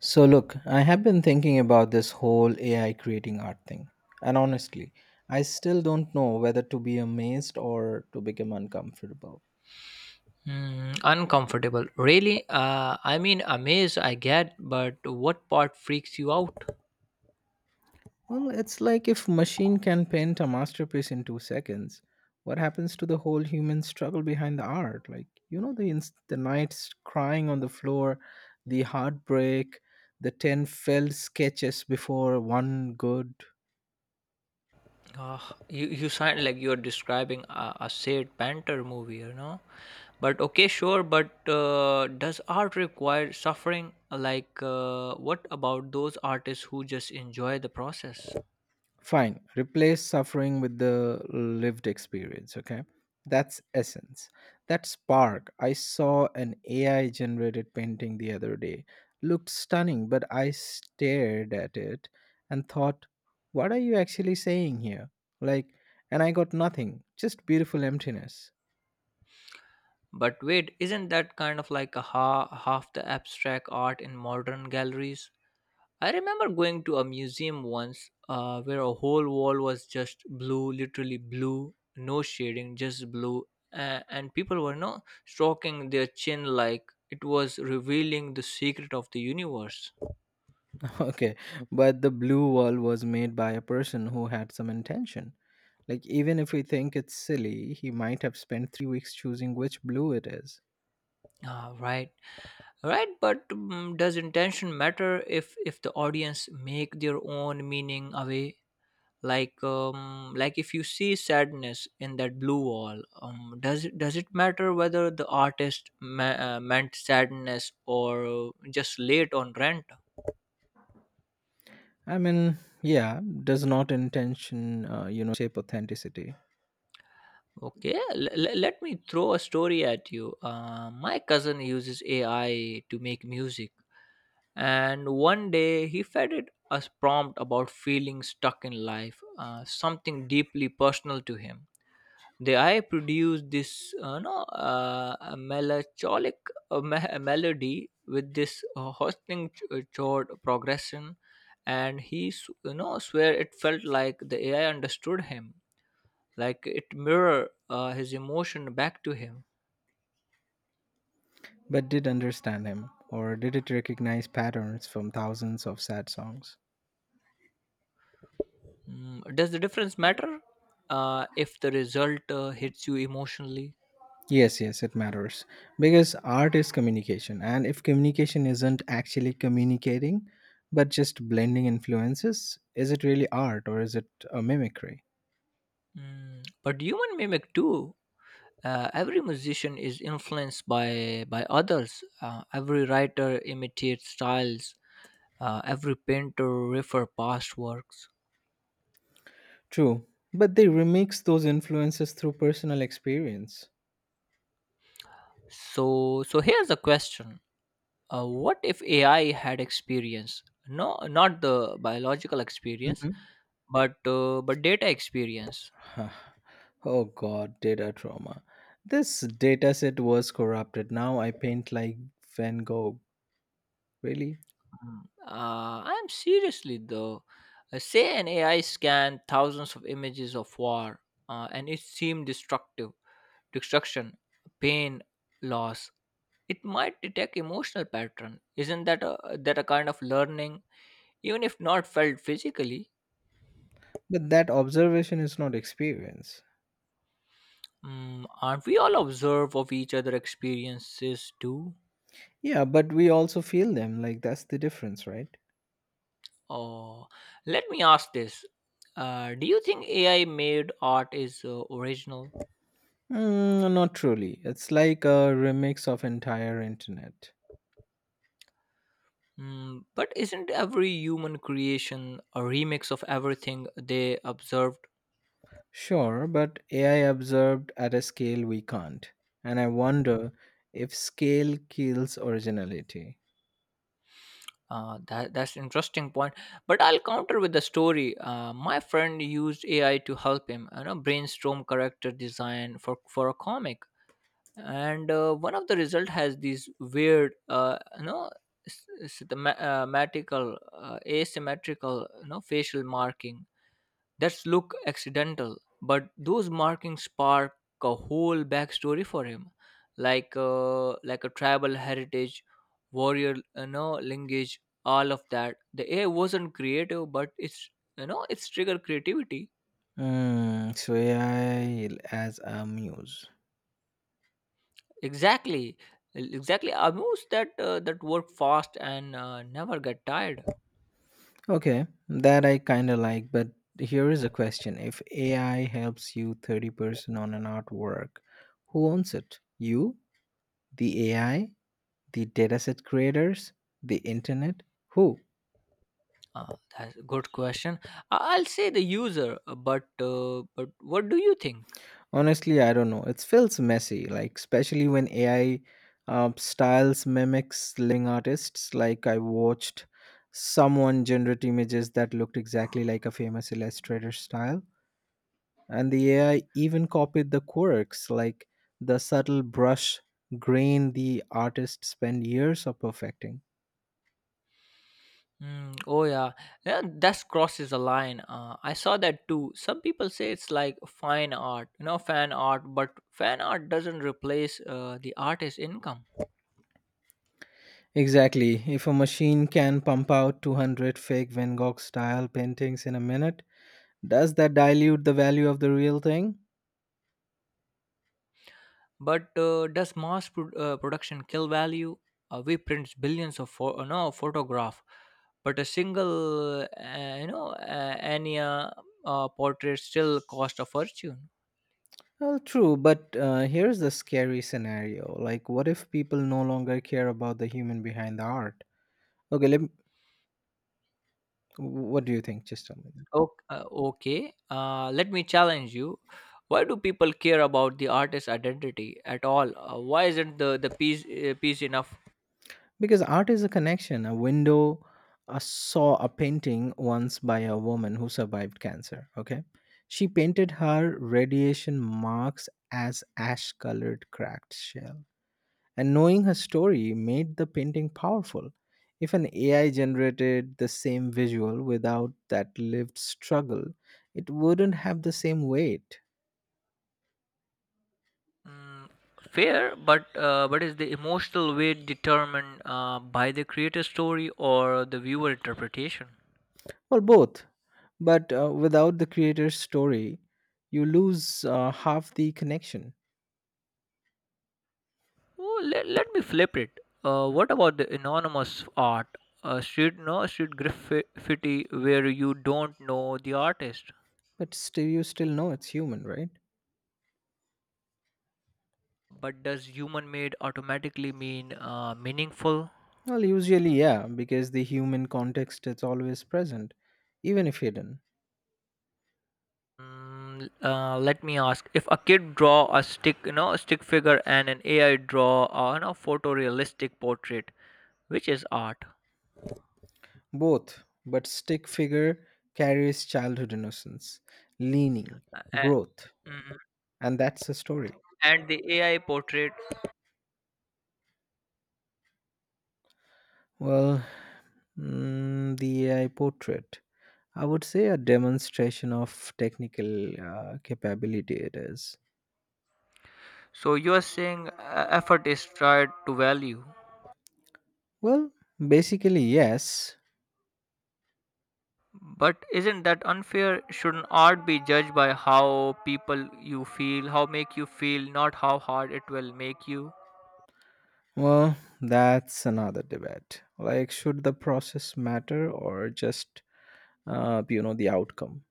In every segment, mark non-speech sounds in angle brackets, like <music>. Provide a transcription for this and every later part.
So, look, I have been thinking about this whole AI creating art thing. And honestly, I still don't know whether to be amazed or to become uncomfortable. Uncomfortable. Really? I mean, amazed I get, but what part freaks you out? Well, it's like if machine can paint a masterpiece in 2 seconds, what happens to the whole human struggle behind the art? Like, you know, the nights crying on the floor, the heartbreak, the 10 failed sketches before one good. Uh, you sound like you're describing a sad banter movie. But okay, sure, but does art require suffering? Like, what about those artists who just enjoy the process? Fine. Replace suffering with the lived experience, okay? That's essence. That spark. I saw an AI generated painting the other day. Looked stunning, but I stared at it and thought, what are you actually saying here? Like, and I got nothing, just beautiful emptiness. But wait, isn't that kind of like half the abstract art in modern galleries? I remember going to a museum once where a whole wall was just blue, literally blue, no shading, just blue, and people were no stroking their chin like it was revealing the secret of the universe. <laughs> Okay, but the blue wall was made by a person who had some intention. Like, even if we think it's silly, he might have spent 3 weeks choosing which blue it is. Ah, right, right. But does intention matter if the audience make their own meaning away? Like like if you see sadness in that blue wall, does it matter whether the artist meant sadness or just late on rent. I mean, yeah, does not intention, shape authenticity, Okay, let me throw a story at you. My cousin uses AI to make music, and one day he fed it a prompt about feeling stuck in life, something deeply personal to him. The eye produce this, no, a melancholic, melody with this hosting chord progression, and he swear it felt like the AI understood him, like it mirror his emotion back to him. but did understand him, or did it recognize patterns from thousands of sad songs? Does the difference matter if the result hits you emotionally? Yes, yes, it matters because art is communication, and if communication isn't actually communicating, but just blending influences, is it really art or is it a mimicry? But human mimic too. Every musician is influenced by others. Every writer imitates styles. Every painter refer past works. True, but they remix those influences through personal experience. So here's a question: what if AI had experience? No, not the biological experience, Mhm. But data experience. <laughs> Oh god, data trauma. This data set was corrupted. Now I paint like Van Gogh. Really? Mm. I'm seriously though. Say an AI scanned thousands of images of war, and it seemed destructive, destruction, pain, loss. It might detect emotional pattern. Isn't that a kind of learning, even if not felt physically? But that observation is not experience. Mm, aren't we all observe of each other experiences too? Yeah, but we also feel them. Like that's the difference, right? Oh, let me ask this: do you think AI made art is original? Mm, not truly. It's like a remix of entire internet. Mm, but isn't every human creation a remix of everything they observed? Sure, but AI observed at a scale we can't. And I wonder if scale kills originality. That's an interesting point. But I'll counter with the story. My friend used AI to help him, you know, brainstorm character design for a comic, and one of the result has these weird, matical, asymmetrical, you know, facial marking. That look accidental, but those markings spark a whole backstory for him, like a tribal heritage, warrior, you know, lineage, all of that. The AI wasn't creative, but it's you know it's trigger creativity. Mm, so AI as a muse. Exactly, exactly. A moves that that work fast and never get tired. Okay, that I kind of like, but here is a question. If AI helps you 30% on an artwork, who owns it? You, the AI, the dataset creators, the internet? Who? Uh, that's a good question. I'll say the user, but but what do you think? Honestly, I don't know. It feels messy, like, especially when AI styles mimics living artists. Like, I watched someone generate images that looked exactly like a famous illustrator style and the AI even copied the quirks, like the subtle brush grain the artists spend years of perfecting. Hmm. Oh yeah, yeah, that crosses a line. I saw that too. Some people say it's like fine art, you know, fan art, but fan art doesn't replace the artist's income. Exactly. If a machine can pump out 200 fake Van Gogh style paintings in a minute, does that dilute the value of the real thing? But does mass production kill value? We print billions of pho- no photograph, but a single, uh, Anya portrait still cost a fortune. Well, true, but here's the scary scenario. Like, what if people no longer care about the human behind the art? Okay, let me, what do you think? Just tell me. Okay, let me challenge you. Why do people care about the artist's identity at all? Why isn't the piece enough? Because art is a connection, a window. I saw a painting once by a woman who survived cancer. Okay. She painted her radiation marks as ash colored cracked shell. And knowing her story made the painting powerful. If an AI generated the same visual without that lived struggle, it wouldn't have the same weight. Mm, fair, but is the emotional weight determined by the creator's story or the viewer interpretation? Well, both. But without the creator's story, you lose half the connection. Oh, let me flip it. What about the anonymous art? Street graffiti where you don't know the artist. But still, you still know it's human, right? But does human made automatically mean meaningful? Well, usually, yeah, because the human context is always present, even if hidden. Mm, let me ask if a kid draw a stick you know stick figure and an AI draw a, you know, photorealistic portrait, which is art? Both, but stick figure carries childhood innocence, leaning, A- growth, mm, and that's the story. and the AI portrait? Well, the AI portrait, I would say a demonstration of technical capability it is. So you are saying effort is tried to value, Well, basically, yes. but isn't that unfair? Shouldn't art be judged by how people you feel how make you feel, not how hard it will make you? Well, that's another debate. Like, should the process matter or just, the outcome?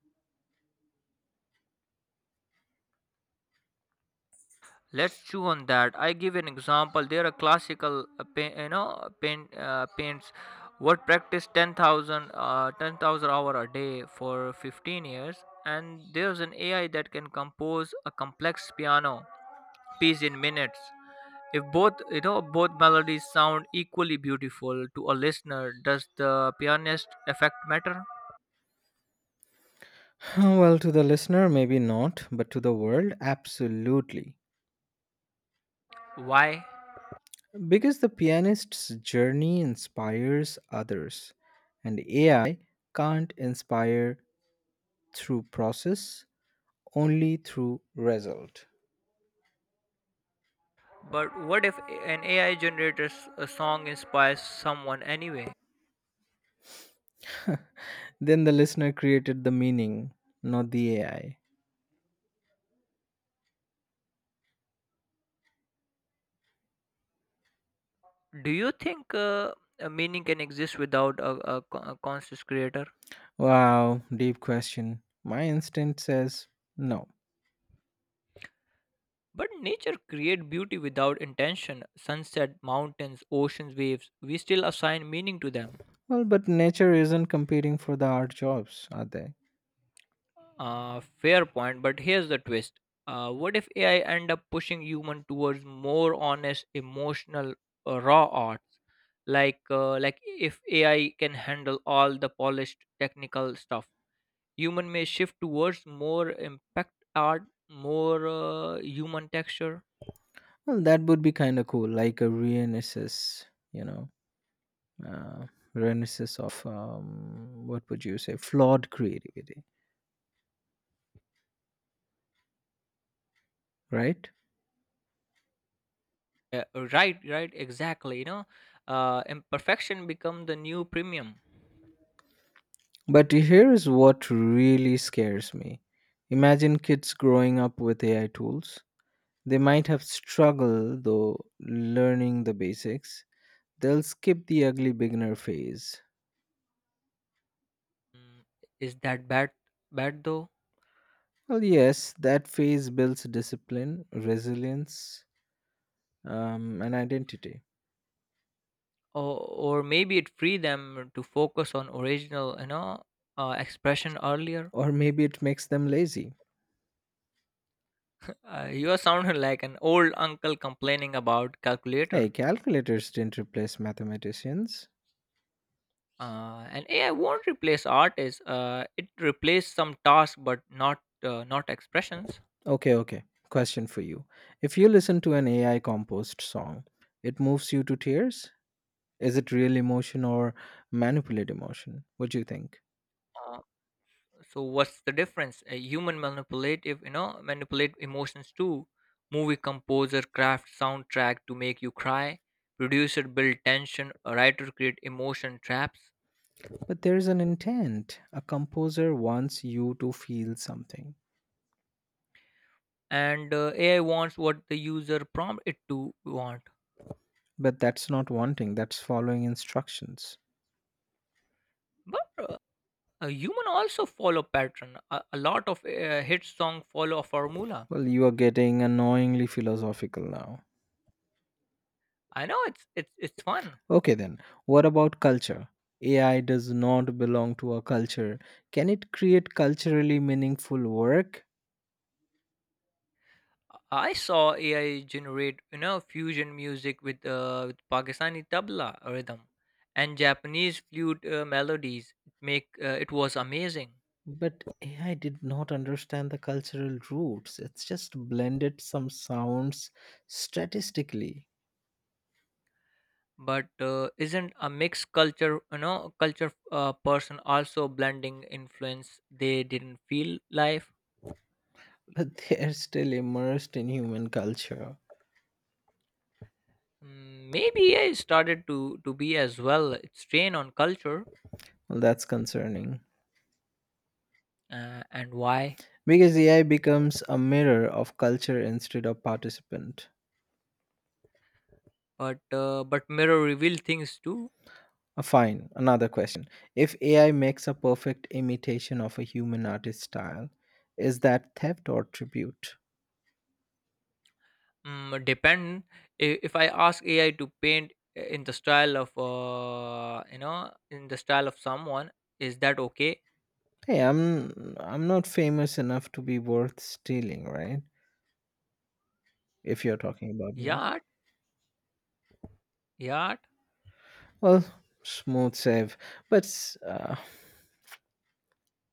Let's chew on that. I give an example. There are classical, paints. What practice 10,000 10,000 hour a day for 15 years, and there's an AI that can compose a complex piano piece in minutes. If both, you know, both melodies sound equally beautiful to a listener, does the pianist effect matter? <laughs> <sighs> Well, to the listener, maybe not, but to the world, absolutely. Why? Because the pianist's journey inspires others, and AI can't inspire through process, only through result. But what if an AI generated a song inspires someone anyway? Then the listener created the meaning, not the AI. Do you think a meaning can exist without a conscious creator? Wow, deep question. My instinct says no. But nature create beauty without intention. Sunset, mountains, oceans, waves. We still assign meaning to them. Well, but nature isn't competing for the art jobs, are they? Fair point, but here's the twist. What if AI end up pushing human towards more honest, emotional, raw arts? Like if AI can handle all the polished technical stuff, human may shift towards more impact art, more human texture. Well, that would be kind of cool, like a renaissance, you know, uh, renaissance of what would you say, flawed creativity, right? Yeah, right, right, exactly, you know, imperfection become the new premium. But here is what really scares me. Imagine kids growing up with AI tools. They might have struggled though learning the basics. They'll skip the ugly beginner phase. Mm, is that bad though? Well, yes, that phase builds discipline, resilience, an identity. or, or maybe it free them to focus on original, you know, expression earlier. Or maybe it makes them lazy. <laughs> You are sounding <laughs> like an old uncle complaining about Hey, calculator. calculators didn't replace mathematicians. Uh, and AI won't replace artists. It replaces some tasks, but not not expressions. Okay, okay. Question for you. If you listen to an AI composed song, it moves you to tears? Is it real emotion or manipulated emotion? What do you think? Uh, so what's the difference? A human manipulative, you know, manipulate emotions too. Movie composer craft soundtrack to make you cry. Producer build tension. A writer create emotion traps. But there's an intent. A composer wants you to feel something. And AI wants what the user prompt it to want. But that's not wanting, that's following instructions. But a human also follow pattern. A lot of hit song follow a formula. Well, you are getting annoyingly philosophical now. I know it's fun. Okay, then, what about culture? AI does not belong to a culture. Can it create culturally meaningful work? I saw AI generate, you know, fusion music with Pakistani tabla rhythm and Japanese flute melodies. Make it was amazing. But AI did not understand the cultural roots. It's just blended some sounds statistically, But isn't a mixed culture, you know, culture person also blending influence? They didn't feel life. but <laughs> they're still immersed in human culture. Mm, maybe AI started to be as well. It's strain on culture. Well, that's concerning And why? because AI becomes a mirror of culture instead of participant. But mirror reveal things too. Fine. Another question. If AI makes a perfect imitation of a human artist style, is that theft or tribute? Mm, depend. I- If I ask AI to paint eh, in the style of, in the style of someone, is that okay? Hey, I'm not famous enough to be worth stealing, right? If you're talking about me. Yeah, yeah. Well, smooth save. But s- uh,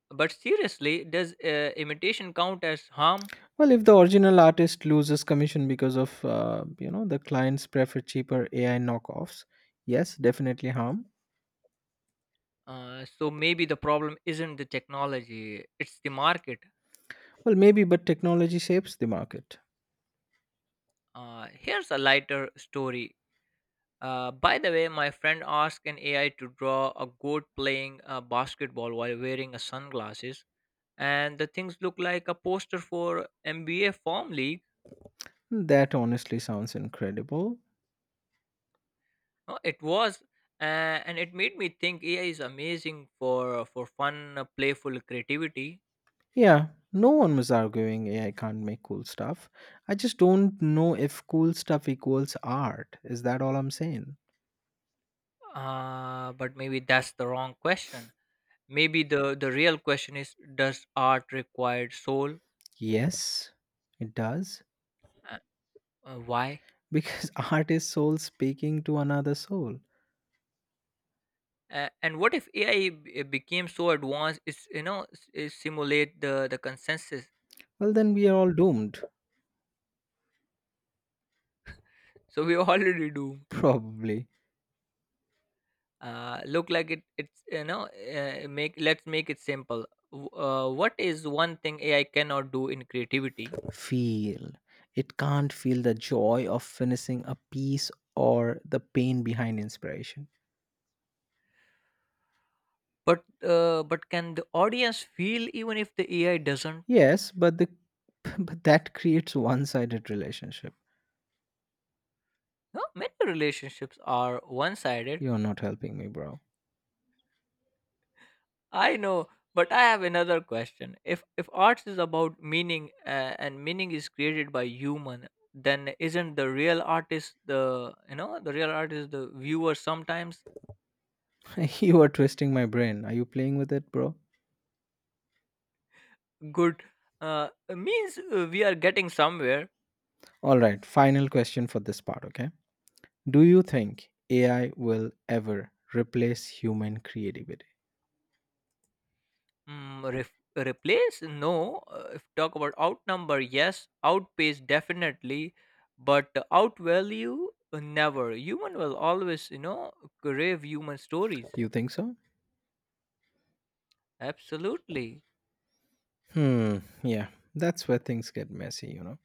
But seriously, does imitation count as harm? well, if the original artist loses commission because of the clients prefer cheaper AI knockoffs, yes, definitely harm. So maybe the problem isn't the technology; it's the market. Well, maybe, but technology shapes the market. Here's a lighter story. By the way, my friend asked an AI to draw a goat playing basketball while wearing a sunglasses, and the things look like a poster for MBA form league. That honestly sounds incredible. No, it was, uh, and it made me think AI is amazing for fun, playful creativity. Yeah, no one was arguing AI can't make cool stuff. I just don't know if cool stuff equals art. Is that all I'm saying? But maybe that's the wrong question. Maybe the real question is: does art require soul? Yes, it does. Uh, uh, why? Because <laughs> art is soul speaking to another soul. And what if AI became so advanced? It's, you know, it simulate the consensus. Well, then we are all doomed. So we <laughs> already do. Probably. Uh, look like it it's you know make let's make it simple. What is one thing AI cannot do in creativity? Feel. It can't feel the joy of finishing a piece or the pain behind inspiration. But but can the audience feel even if the AI doesn't? Yes, but the <laughs> but that creates one-sided relationship. No, many relationships are one sided. You're not helping me, bro. I know, but I have another question: if art is about meaning, and meaning is created by human, then isn't the real artist the viewer sometimes? <laughs> You are twisting my brain. Are you playing with it, bro? Good. uh, means we are getting somewhere. All right, final question for this part, okay? Do you think AI will ever replace human creativity? Mm, replace? No. If talk about outnumber, yes. Outpace, definitely. But outvalue, never. Human will always, you know, crave human stories. You think so? Absolutely. Hmm, yeah, that's where things get messy, you know?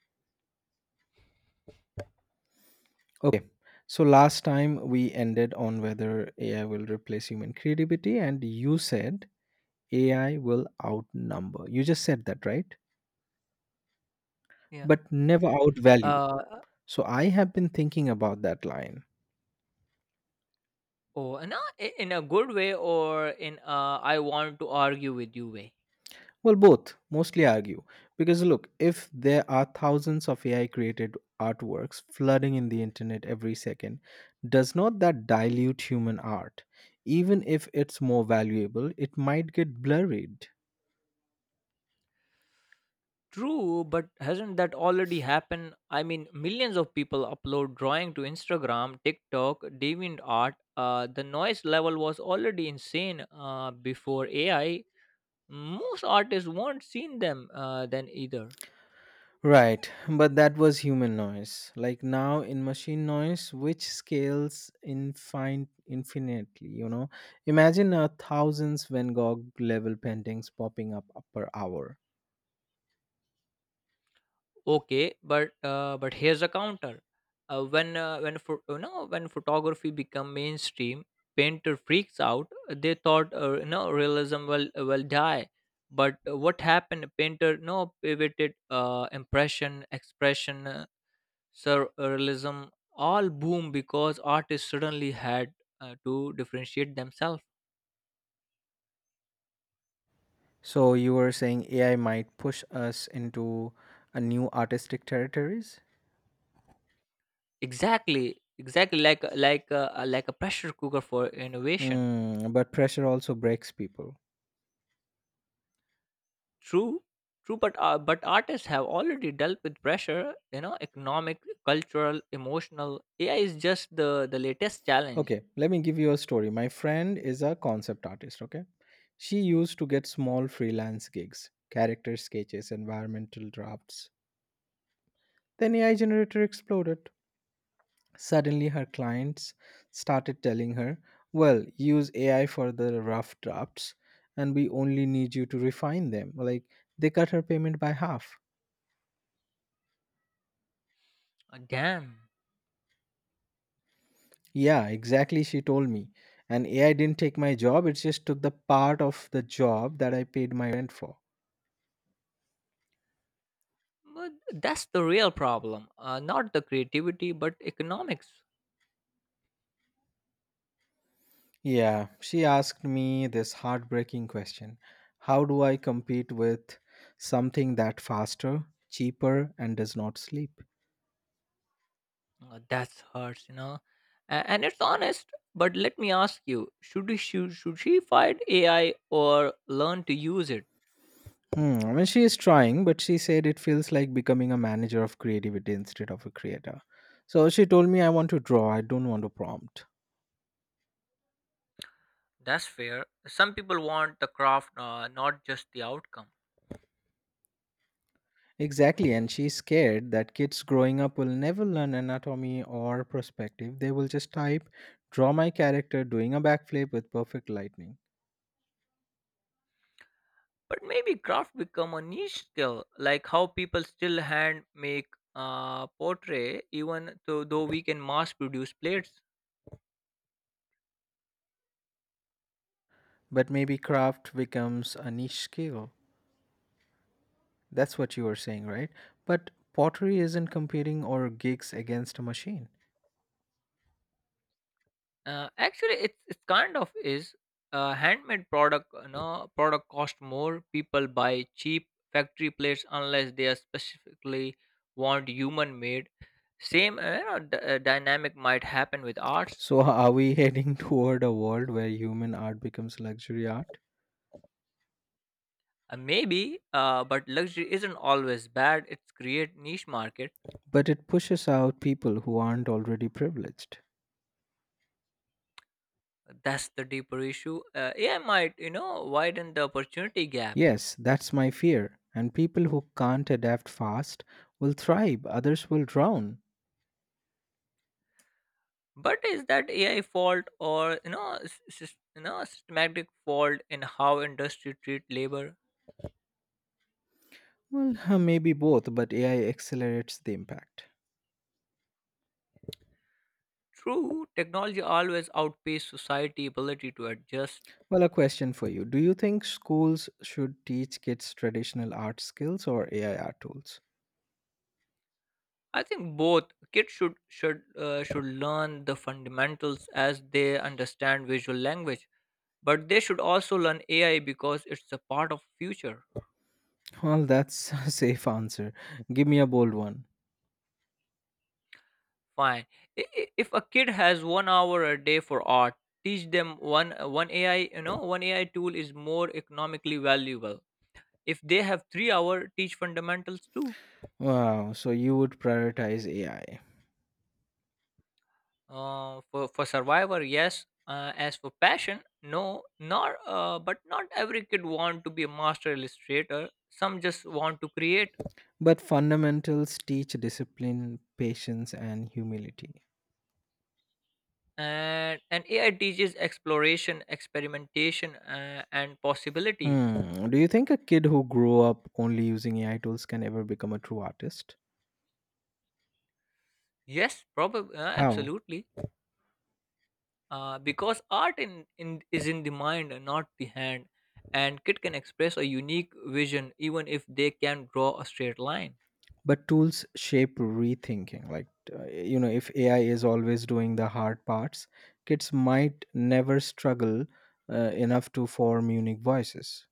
Okay, so last time we ended on whether AI will replace human creativity, and you said AI will outnumber. You just said that, right? Yeah. But never outvalue. Uh, So I have been thinking about that line. oh, and, uh, in a good way or in a I want to argue with you way. Well, both mostly argue. Because look, if there are thousands of AI created artworks flooding in the internet every second, does not that dilute human art? Even if it's more valuable, it might get blurred. True, but hasn't that already happened? I mean, millions of people upload drawing to Instagram, TikTok, DeviantArt. The noise level was already insane before AI. Most artists weren't seen them then either. Right, but that was human noise. Like now in machine noise, which scales infinitely, you know? Imagine a thousands Van Gogh level paintings popping up per hour. Okay, but here's a counter. Uh, when photography become mainstream, painter freaks out. They thought, realism will die. But what happened? Painter no pivoted. Impression, expression, surrealism, all boom because artists suddenly had to differentiate themselves. So you were saying AI might push us into a new artistic territories? Exactly, exactly, like like a pressure cooker for innovation. Hmm, but pressure also breaks people. True, true, but artists have already dealt with pressure, you know, economic, cultural, emotional. AI is just the latest challenge. Okay, let me give you a story. My friend is a concept artist, okay? She used to get small freelance gigs, character sketches, environmental drafts. Then AI generator exploded. Suddenly her clients started telling her, "Well, use AI for the rough drafts and we only need you to refine them." Like they cut her payment by half. Damn. Yeah, exactly. She told me. And AI didn't take my job, it just took the part of the job that I paid my rent for. But that's the real problem. Not the creativity, but economics. Yeah, she asked me this heartbreaking question: How do I compete with something that faster, cheaper, and does not sleep? That's hurts, you know, and it's honest. But let me ask you: should she fight AI or learn to use it? Hmm. I mean, she is trying, but she said it feels like becoming a manager of creativity instead of a creator. So she told me I want to draw, I don't want to prompt. That's fair. Some people want the craft, not just the outcome. Exactly, and she's scared that kids growing up will never learn anatomy or perspective. They will just type, draw my character doing a backflip with perfect lightning. But maybe craft become a niche skill, like how people still hand make portrait, even though we can mass produce plates. But maybe craft becomes a niche skill. That's what you were saying, right? But pottery isn't competing or gigs against a machine. Actually, it's kind of is a handmade product. You know, product cost more. People buy cheap factory plates unless they are specifically want human made. Same dynamic might happen with arts. So are we <laughs> heading toward a world where human art becomes luxury art? Maybe, but luxury isn't always bad. It's create niche market. But it pushes out people who aren't already privileged. That's the deeper issue. AI might widen the opportunity gap. Yes, that's my fear. And people who can't adapt fast will thrive, others will drown. But is that AI fault or systematic fault in how industry treat labor. Well, <laughs> maybe both, but AI accelerates the impact. True, technology always outpaces society ability to adjust. Well, a question for you. Do you think schools should teach kids traditional art skills or AI art tools? I think both. Kids should learn the fundamentals as they understand visual language, but they should also learn AI because it's a part of future. Well, that's a <laughs> safe answer. Give me a bold one. Fine. If a kid has 1 hour a day for art, teach them one AI tool is more economically valuable. If they have 3 hour, teach fundamentals too. Wow, so you would prioritize AI. For survivor yes, as for passion no, nor but not every kid want to be a master illustrator, some just want to create. But fundamentals teach discipline, patience, and humility. And AI teaches exploration, experimentation, and possibilities. Hmm. Do you think a kid who grew up only using AI tools can ever become a true artist? Yes, probably. How? Absolutely. Because art in is in the mind and not the hand, and kid can express a unique vision even if they can draw a straight line. But tools shape rethinking. Like, if AI is always doing the hard parts, kids might never struggle enough to form unique voices.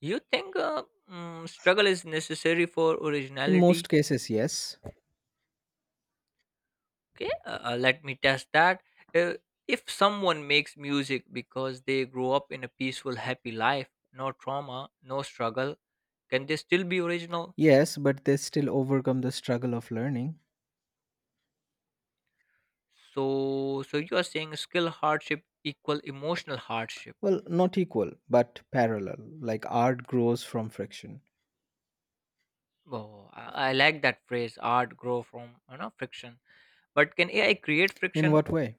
You think struggle is necessary for In most originality? cases, yes. Okay, let me test that. uh, if someone makes music because they grow up in a peaceful happy life, no trauma, no struggle, can they still be original? Yes, but they still overcome the struggle of learning. So you are saying skill hardship equal emotional hardship? Well, not equal, but parallel. Like, art grows from friction. Oh, I like that phrase, art grow from friction. But can AI create In friction? what way?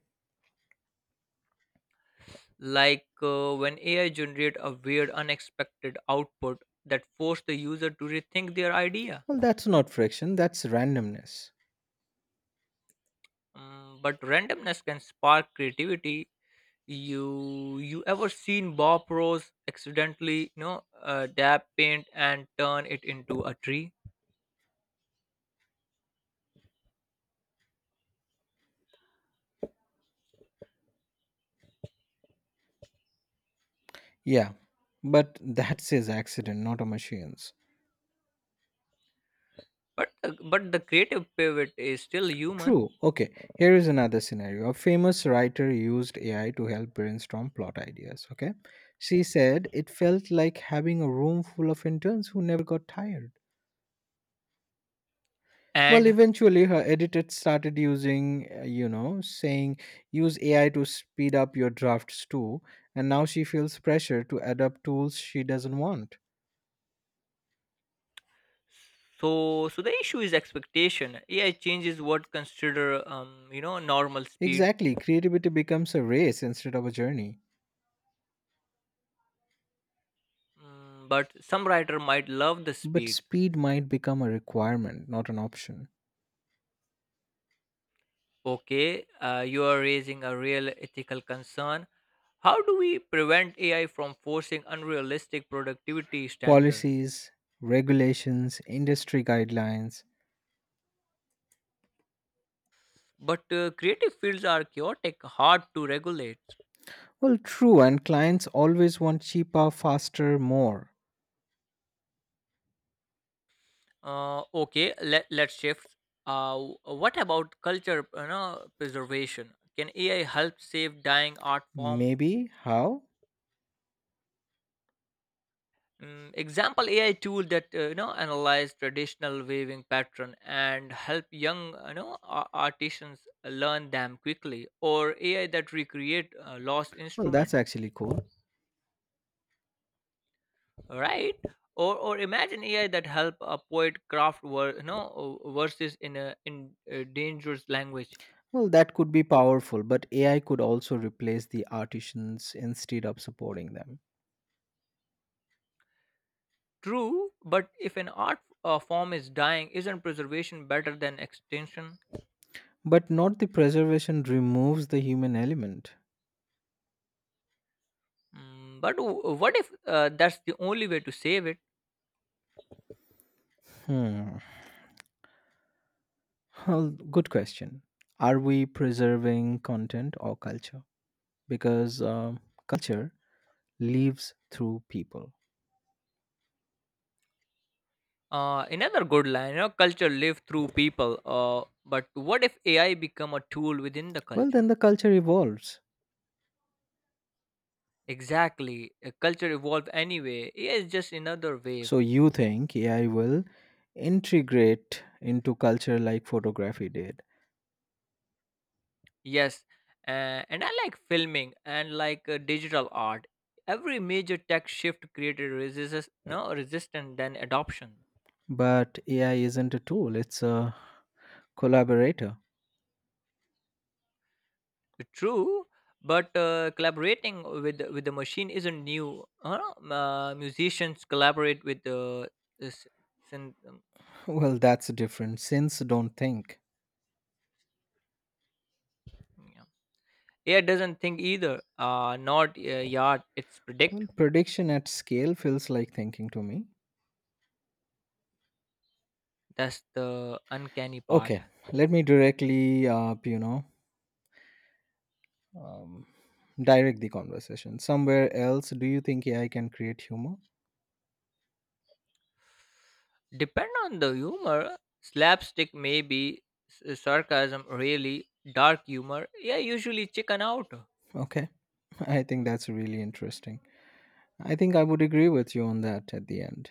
Like, when AI generate a weird unexpected output that force the user to rethink their idea. Well, that's not friction, that's randomness. But randomness can spark creativity. You ever seen Bob Ross accidentally, dab paint and turn it into a tree? Yeah, but that says accident, not a machines. But the creative pivot is still human, True. Okay, here is another scenario. A famous writer used AI to help brainstorm plot ideas. Okay, she said it felt like having a room full of interns who never got tired. Well, and eventually, her editor started using, saying use AI to speed up your drafts too, and now she feels pressure to adopt tools she doesn't want. so the issue is expectation. AI changes what consider normal speed. Exactly, creativity becomes a race instead of a journey. Mm, but some writer might love the But speed. speed might become a requirement, not an option. Okay, you are raising a real ethical concern. How do we prevent AI from forcing unrealistic productivity standards? Policies, regulations, industry guidelines. But creative fields are chaotic, hard to regulate. Well, true, and clients always want cheaper, faster, more. Okay, let's shift. Uh, what about culture, you know, preservation? Can AI help save dying art form? Maybe? How? Mm, example AI tool that analyze traditional weaving pattern and help young artisans learn them quickly, or AI that recreate lost Well, that's instrument. actually cool. Right. Or imagine AI that help a poet craft verses in a dangerous language. Well, that could be powerful, but AI could also replace the artisans instead of supporting them. True, but if an art form is dying, isn't preservation better than extinction? But not the preservation removes the human element. Mm, but what if that's the only way to save it. Hmm. Well, good question. Are we preserving content or culture? Because culture lives through people. Another good line, you know, culture live through people. But what if AI become a tool within the Well, then the culture? culture evolves. Exactly, a culture evolve anyway. AI is just another wave. So you think AI will integrate into culture like photography did, Yes, and I like filming and like digital art. Every major tech shift created resistance, no resistance than adoption. but AI isn't a tool, it's a collaborator. <laughs> True, but collaborating with the machine isn't new. Musicians collaborate with the syn- um, Well, that's different since don't think. yeah. AI doesn't think either, not yard. It's predict. Well, prediction at scale feels like thinking to me. That's the uncanny part. Okay, let me um, direct the conversation. Somewhere else, do you think AI can create humor? Depend on the humor, slapstick maybe, sarcasm really, dark humor. Yeah, usually chicken out, Okay. <laughs> I think that's really interesting. I think I would agree with you on that at the end.